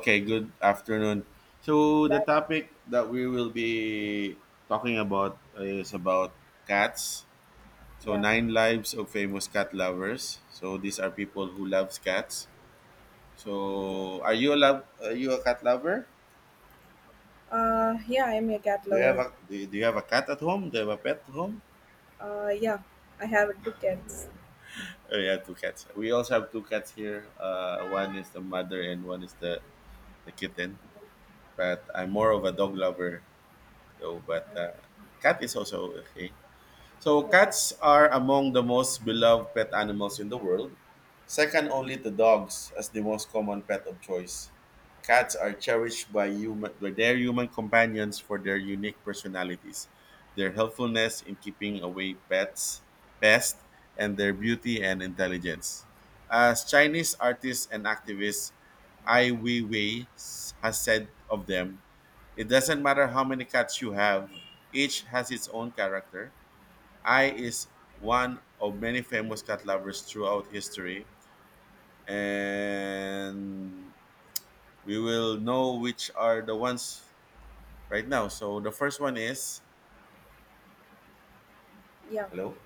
Okay, good afternoon. So the That topic that we will be talking about is about cats. So yeah. nine lives of famous cat lovers. So these are people who loves cats. So are you a cat lover? Yeah, I'm a cat Do you have lover. a do you have a cat at home? Do you have a pet at home? Uh yeah, I have two cats. Oh, yeah, two cats. We also have two cats here. One is the mother and one is the kitten. But I'm more of a dog lover though. But cat is also okay. So cats are among the most beloved pet animals in the world, second only to dogs as the most common pet of choice. Cats are cherished by human by their human companions for their unique personalities, their helpfulness in keeping away pests, and their beauty and intelligence. As Chinese artist and activist Ai Weiwei has said of them, it doesn't matter how many cats you have, each has its own character. I is one of many famous cat lovers throughout history, and we will know which are the ones right now. So the first one is Yeah. hello.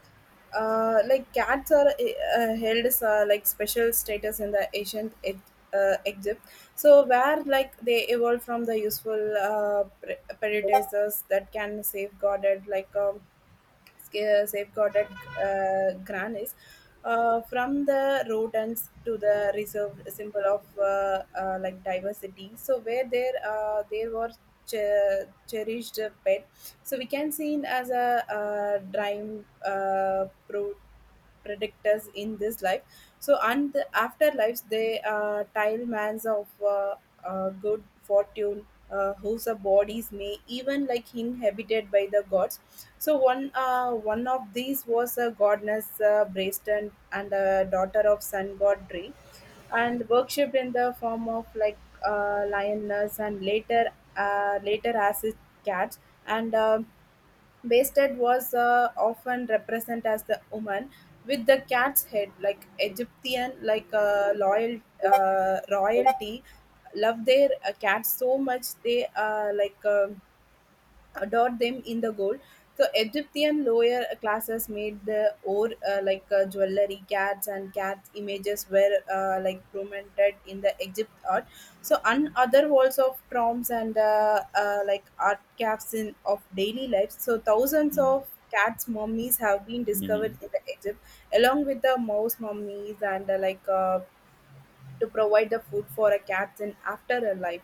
Like cats are held as like special status in the ancient Egypt. So where like they evolved from the useful predators that can safeguarded like safeguarded grannies from the rodents to the reserved symbol of like diversity, so where there were cherished pet, so we can see it as a prime predictors in this life. So and the afterlives they tile mans of good fortune, whose bodies may even like inhabited by the gods. So one of these was a goddess, Brayston, and a daughter of sun god Dre, and worshipped in the form of like lioness, and later as his cat. And Bastet was often represented as the woman with the cat's head, like Egyptian, like loyal, royalty, love their cats so much they like adored them in the gold. So Egyptian lower classes made the ore, jewelry, cats and cats images were like prominent in the Egypt art. So and other walls of tombs and like art caps in of daily life. So thousands of cats mummies have been discovered Hmm. in the Egypt, along with the mouse mummies and to provide the food for a cats in after a life.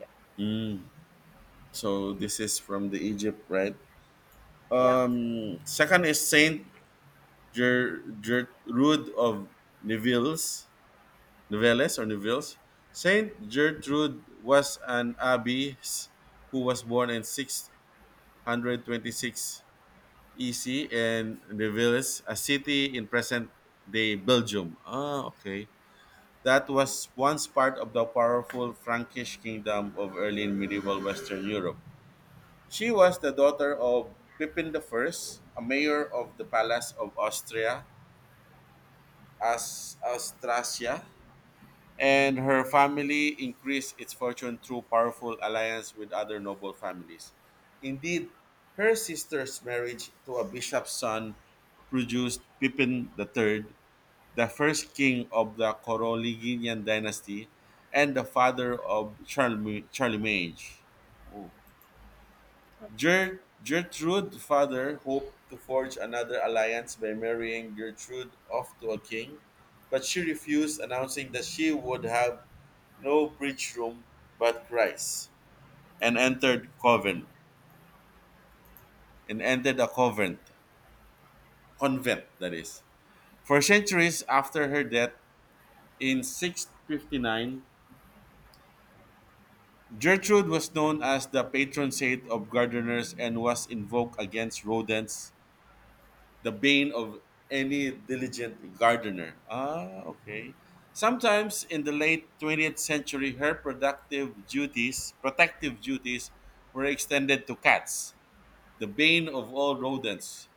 Yeah. So this is from the Egypt, right? Yeah. Second is Saint Gertrude of Neville's Nivelles or Neville's. Saint Gertrude was an abbess who was born in 626 EC and Reveles, a city in present day Belgium. Ah, okay. That was once part of the powerful Frankish kingdom of early and medieval Western Europe. She was the daughter of Pippin the First, a mayor of the palace of Austria, as Austrasia, and her family increased its fortune through powerful alliance with other noble families. Indeed, her sister's marriage to a bishop's son produced Pippin the Third, the first king of the Carolingian dynasty and the father of Charlemagne. Oh. Gertrude father hoped to forge another alliance by marrying Gertrude off to a king, but she refused, announcing that she would have no preach room but Christ, and entered coven and entered a convent, convent that is. For centuries after her death in 659, Gertrude was known as the patron saint of gardeners and was invoked against rodents, the bane of any diligent gardener. Ah, okay. Sometimes in the late 20th century, her protective duties, were extended to cats, the bane of all rodents.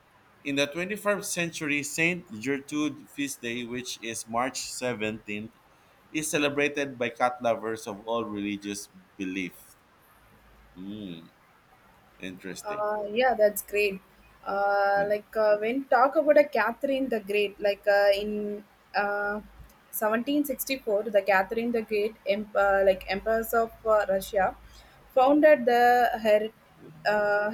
In the 21st century, St. Gertrude Feast Day, which is March 17th, is celebrated by cat lovers of all religious belief. Mm, interesting. Yeah, that's great. Yeah. When talk about a Catherine the Great, in uh, 1764, the Catherine the Great, like Empress of Russia, founded the uh,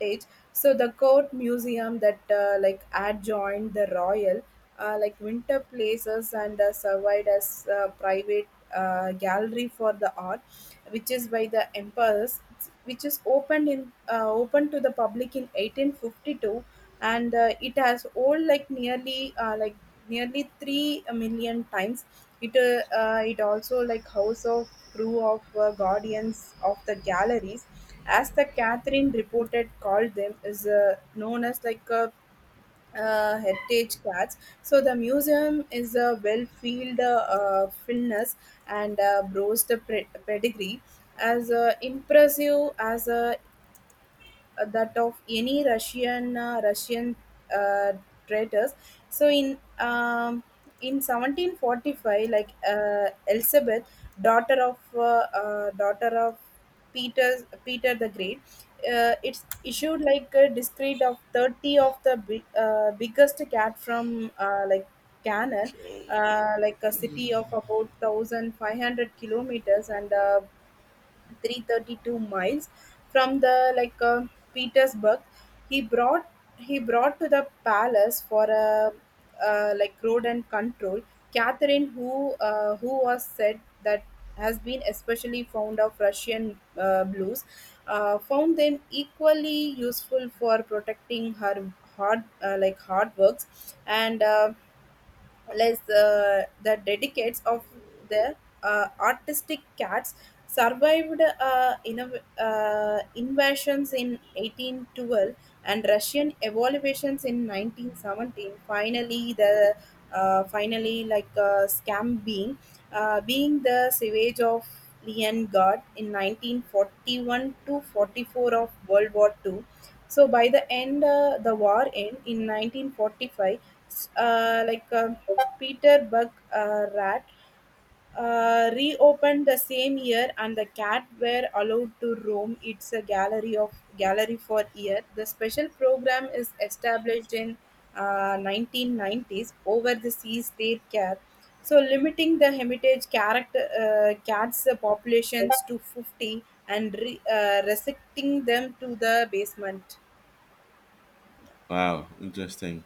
age. So the court museum that like adjoined the royal like winter places and survived as private gallery for the art, which is by the emperors, which is opened in open to the public in 1852, and it has old like nearly nearly 3 million times. It it also like house of crew of guardians of the galleries as the catherine reported called them, is known as like heritage cats. So the museum is a well-filled, fullness and boasts a pedigree as impressive as a that of any Russian uh, traitors. So in 1745, like Elizabeth, daughter of uh, daughter of Peter the Great, it's issued like a discreet of 30 of the biggest cat from like Canaan. Like a city of about 1500 kilometers and 332 miles from the Petersburg. He brought he brought to the palace for a like road and control. Catherine, who was said that has been especially fond of Russian blues, found them equally useful for protecting her hard hard works. And less the dedicates of the artistic cats survived invasions in 1812 and Russian evaluations in 1917. Finally, the finally like scam being being the savage of Leon God in 1941 to 44 of World War Two. So by the end, the war end in 1945. s- uh, like uh, Peter Buck Rat reopened the same year, and the cat were allowed to roam. It's a gallery of gallery for year. The special program is established in 1990s over the seas their care, so limiting the hermitage character cats populations to 50 and restricting them to the basement. Wow, interesting.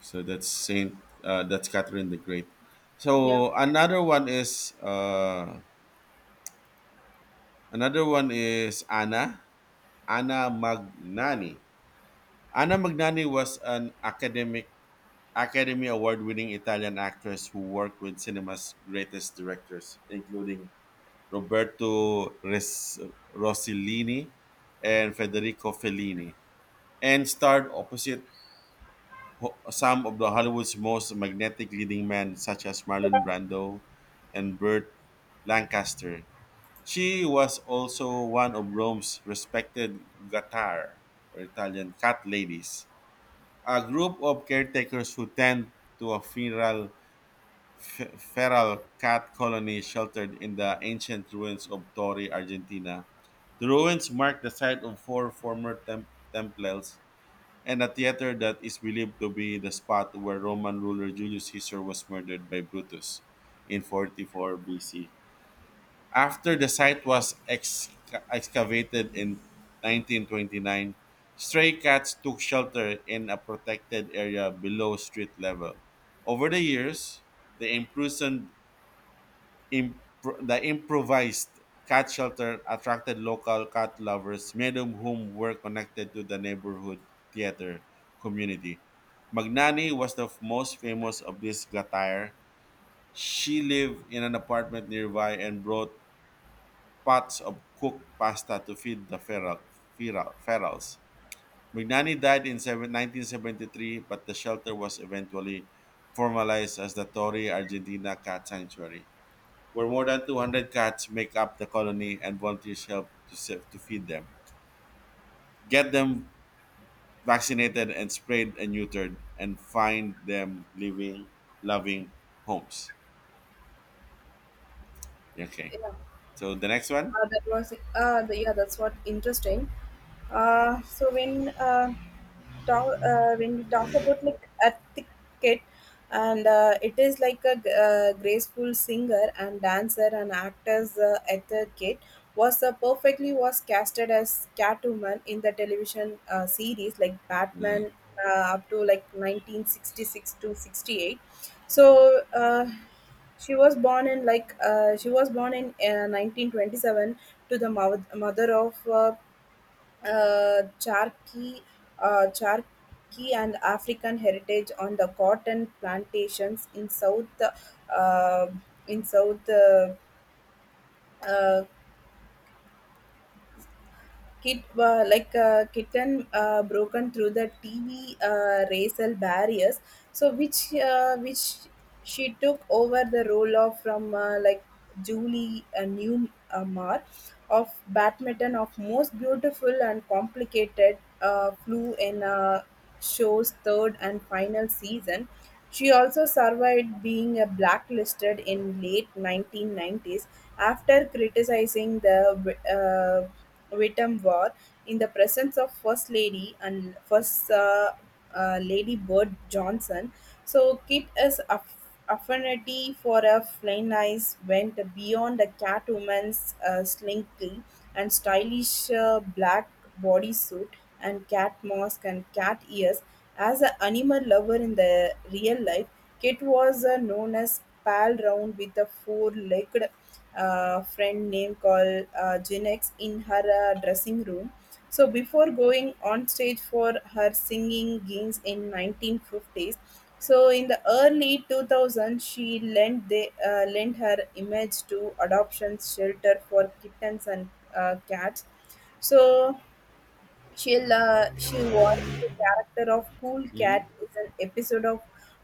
So that's Catherine the Great. Yeah, So another one is Anna Magnani. Anna Magnani was an academic Academy Award winning Italian actress who worked with cinema's greatest directors, including Roberto Rossellini and Federico Fellini, and starred opposite some of the Hollywood's most magnetic leading men, such as Marlon Brando and Burt Lancaster. She was also one of Rome's respected Gattare, or Italian cat ladies, a group of caretakers who tend to a funeral feral cat colony sheltered in the ancient ruins of Torre, Argentina. The ruins mark the site of four former temples and a theater that is believed to be the spot where Roman ruler Julius Caesar was murdered by Brutus in 44 BC. After the site was excavated in 1929, stray cats took shelter in a protected area below street level. Over the years, they imprisoned the improvised cat shelter attracted local cat lovers, many of whom were connected to the neighborhood theater community. Magnani was the f- most famous of this gatire. She lived in an apartment nearby and brought pots of cooked pasta to feed the ferals. Magnani died in 1973, but the shelter was eventually formalized as the Torre Argentina Cat Sanctuary where more than 200 cats make up the colony and volunteers help to feed them, get them vaccinated and sprayed and neutered, and find them living, loving homes. Okay. yeah. So the next one? That's what interesting. Uh, so when uh, when we talk about like etiquette, and it is like a graceful singer and dancer and actor's etiquette was perfectly was casted as Catwoman in the television series like Batman up to like 1966 to 68. So. Uh, she was born in 1927 to the mother of Cherokee, Cherokee and African heritage on the cotton plantations in uh, South, uh, kit like a kitten, broken through the TV racial barriers. So which she took over the role of from Julie Newmar of badminton of most beautiful and complicated flew in show's third and final season. She also survived being a blacklisted in late 1990s after criticizing the Wittenwar, in the presence of First Lady and First Lady Bird Johnson. So Kit is affinity for a plain eyes went beyond a Catwoman's slinky and stylish black bodysuit and cat mask and cat ears. As an animal lover in the real life, Kit was known as pal round with a four-legged friend named called Jinex in her dressing room. So before going on stage for her singing gigs in 1950s, so in the early 2000s, she lent her image to adoption shelter for kittens and cats. So she voiced the character of Cool Mm, Cat is an episode of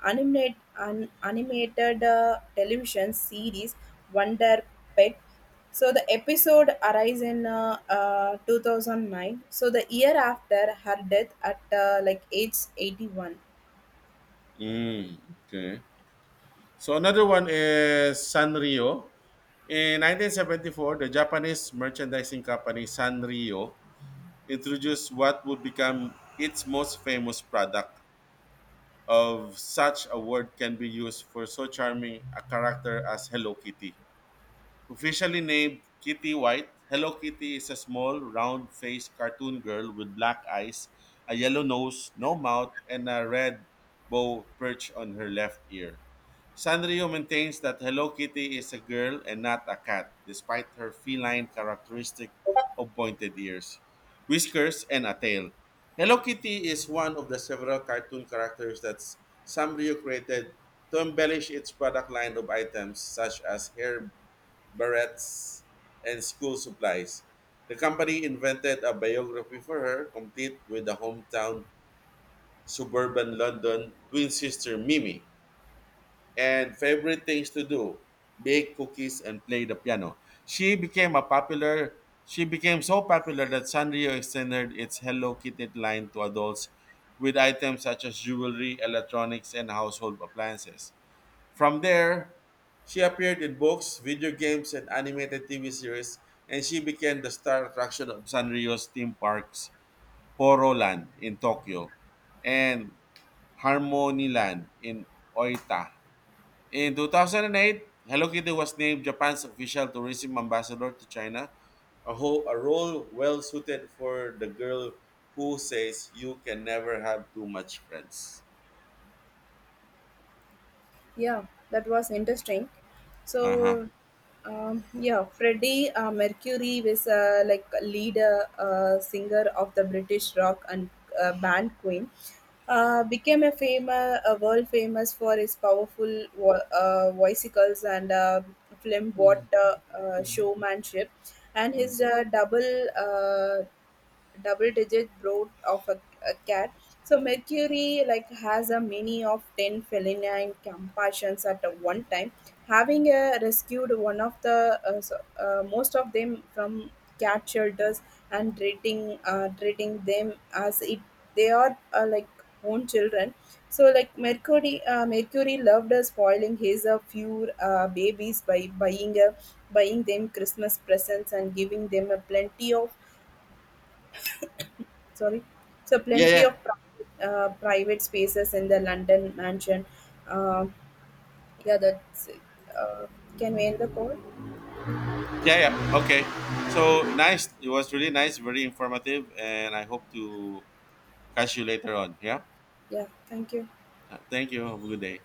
animated television series Wonder Pet. So the episode arises in 2009. So the year after her death at like age 81. mm, okay. So another one is Sanrio. In 1974, the Japanese merchandising company Sanrio introduced what would become its most famous product, of such a word can be used for so charming a character as Hello Kitty. Officially named Kitty White, Hello Kitty is a small, round faced cartoon girl with black eyes, a yellow nose, no mouth, and a red bow perched on her left ear. Sanrio maintains that Hello Kitty is a girl and not a cat, despite her feline characteristic of pointed ears, whiskers, and a tail. Hello Kitty is one of the several cartoon characters that Sanrio created to embellish its product line of items such as hair barrettes and school supplies. The company invented a biography for her, complete with the hometown suburban London twin sister Mimi and favorite things to do, bake cookies and play the piano. She became a popular she became so popular that sanrio extended its hello kitty line to adults with items such as jewelry, electronics and household appliances. From there, she appeared in books, video games and animated tv series, and she became the star attraction of sanrio's theme parks, poro land in tokyo and harmony land in oita. In 2008, Hello Kitty was named Japan's official tourism ambassador to China, a, a role well suited for the girl who says you can never have too much friends. Yeah, that was interesting. Uh huh. So, yeah, Freddie Mercury was like a leader singer of the British rock and band Queen. Became a famous, a world famous for his powerful voicicles and flamboyant showmanship, and his double digit brood of a cat. So Mercury like has a many of 10 feline compassions at a one time, having rescued one of the most of them from cat shelters, and treating them as it they are like own children. So like Mercury loved spoiling his few babies by buying them Christmas presents and giving them a plenty of sorry so Yeah, plenty yeah, of private spaces in the london mansion. um, yeah, that's uh, can we end the call? yeah, yeah. Okay. So nice. It was really nice, very informative, and I hope to catch you later on. Yeah. Yeah, thank you. Thank you. Have a good day.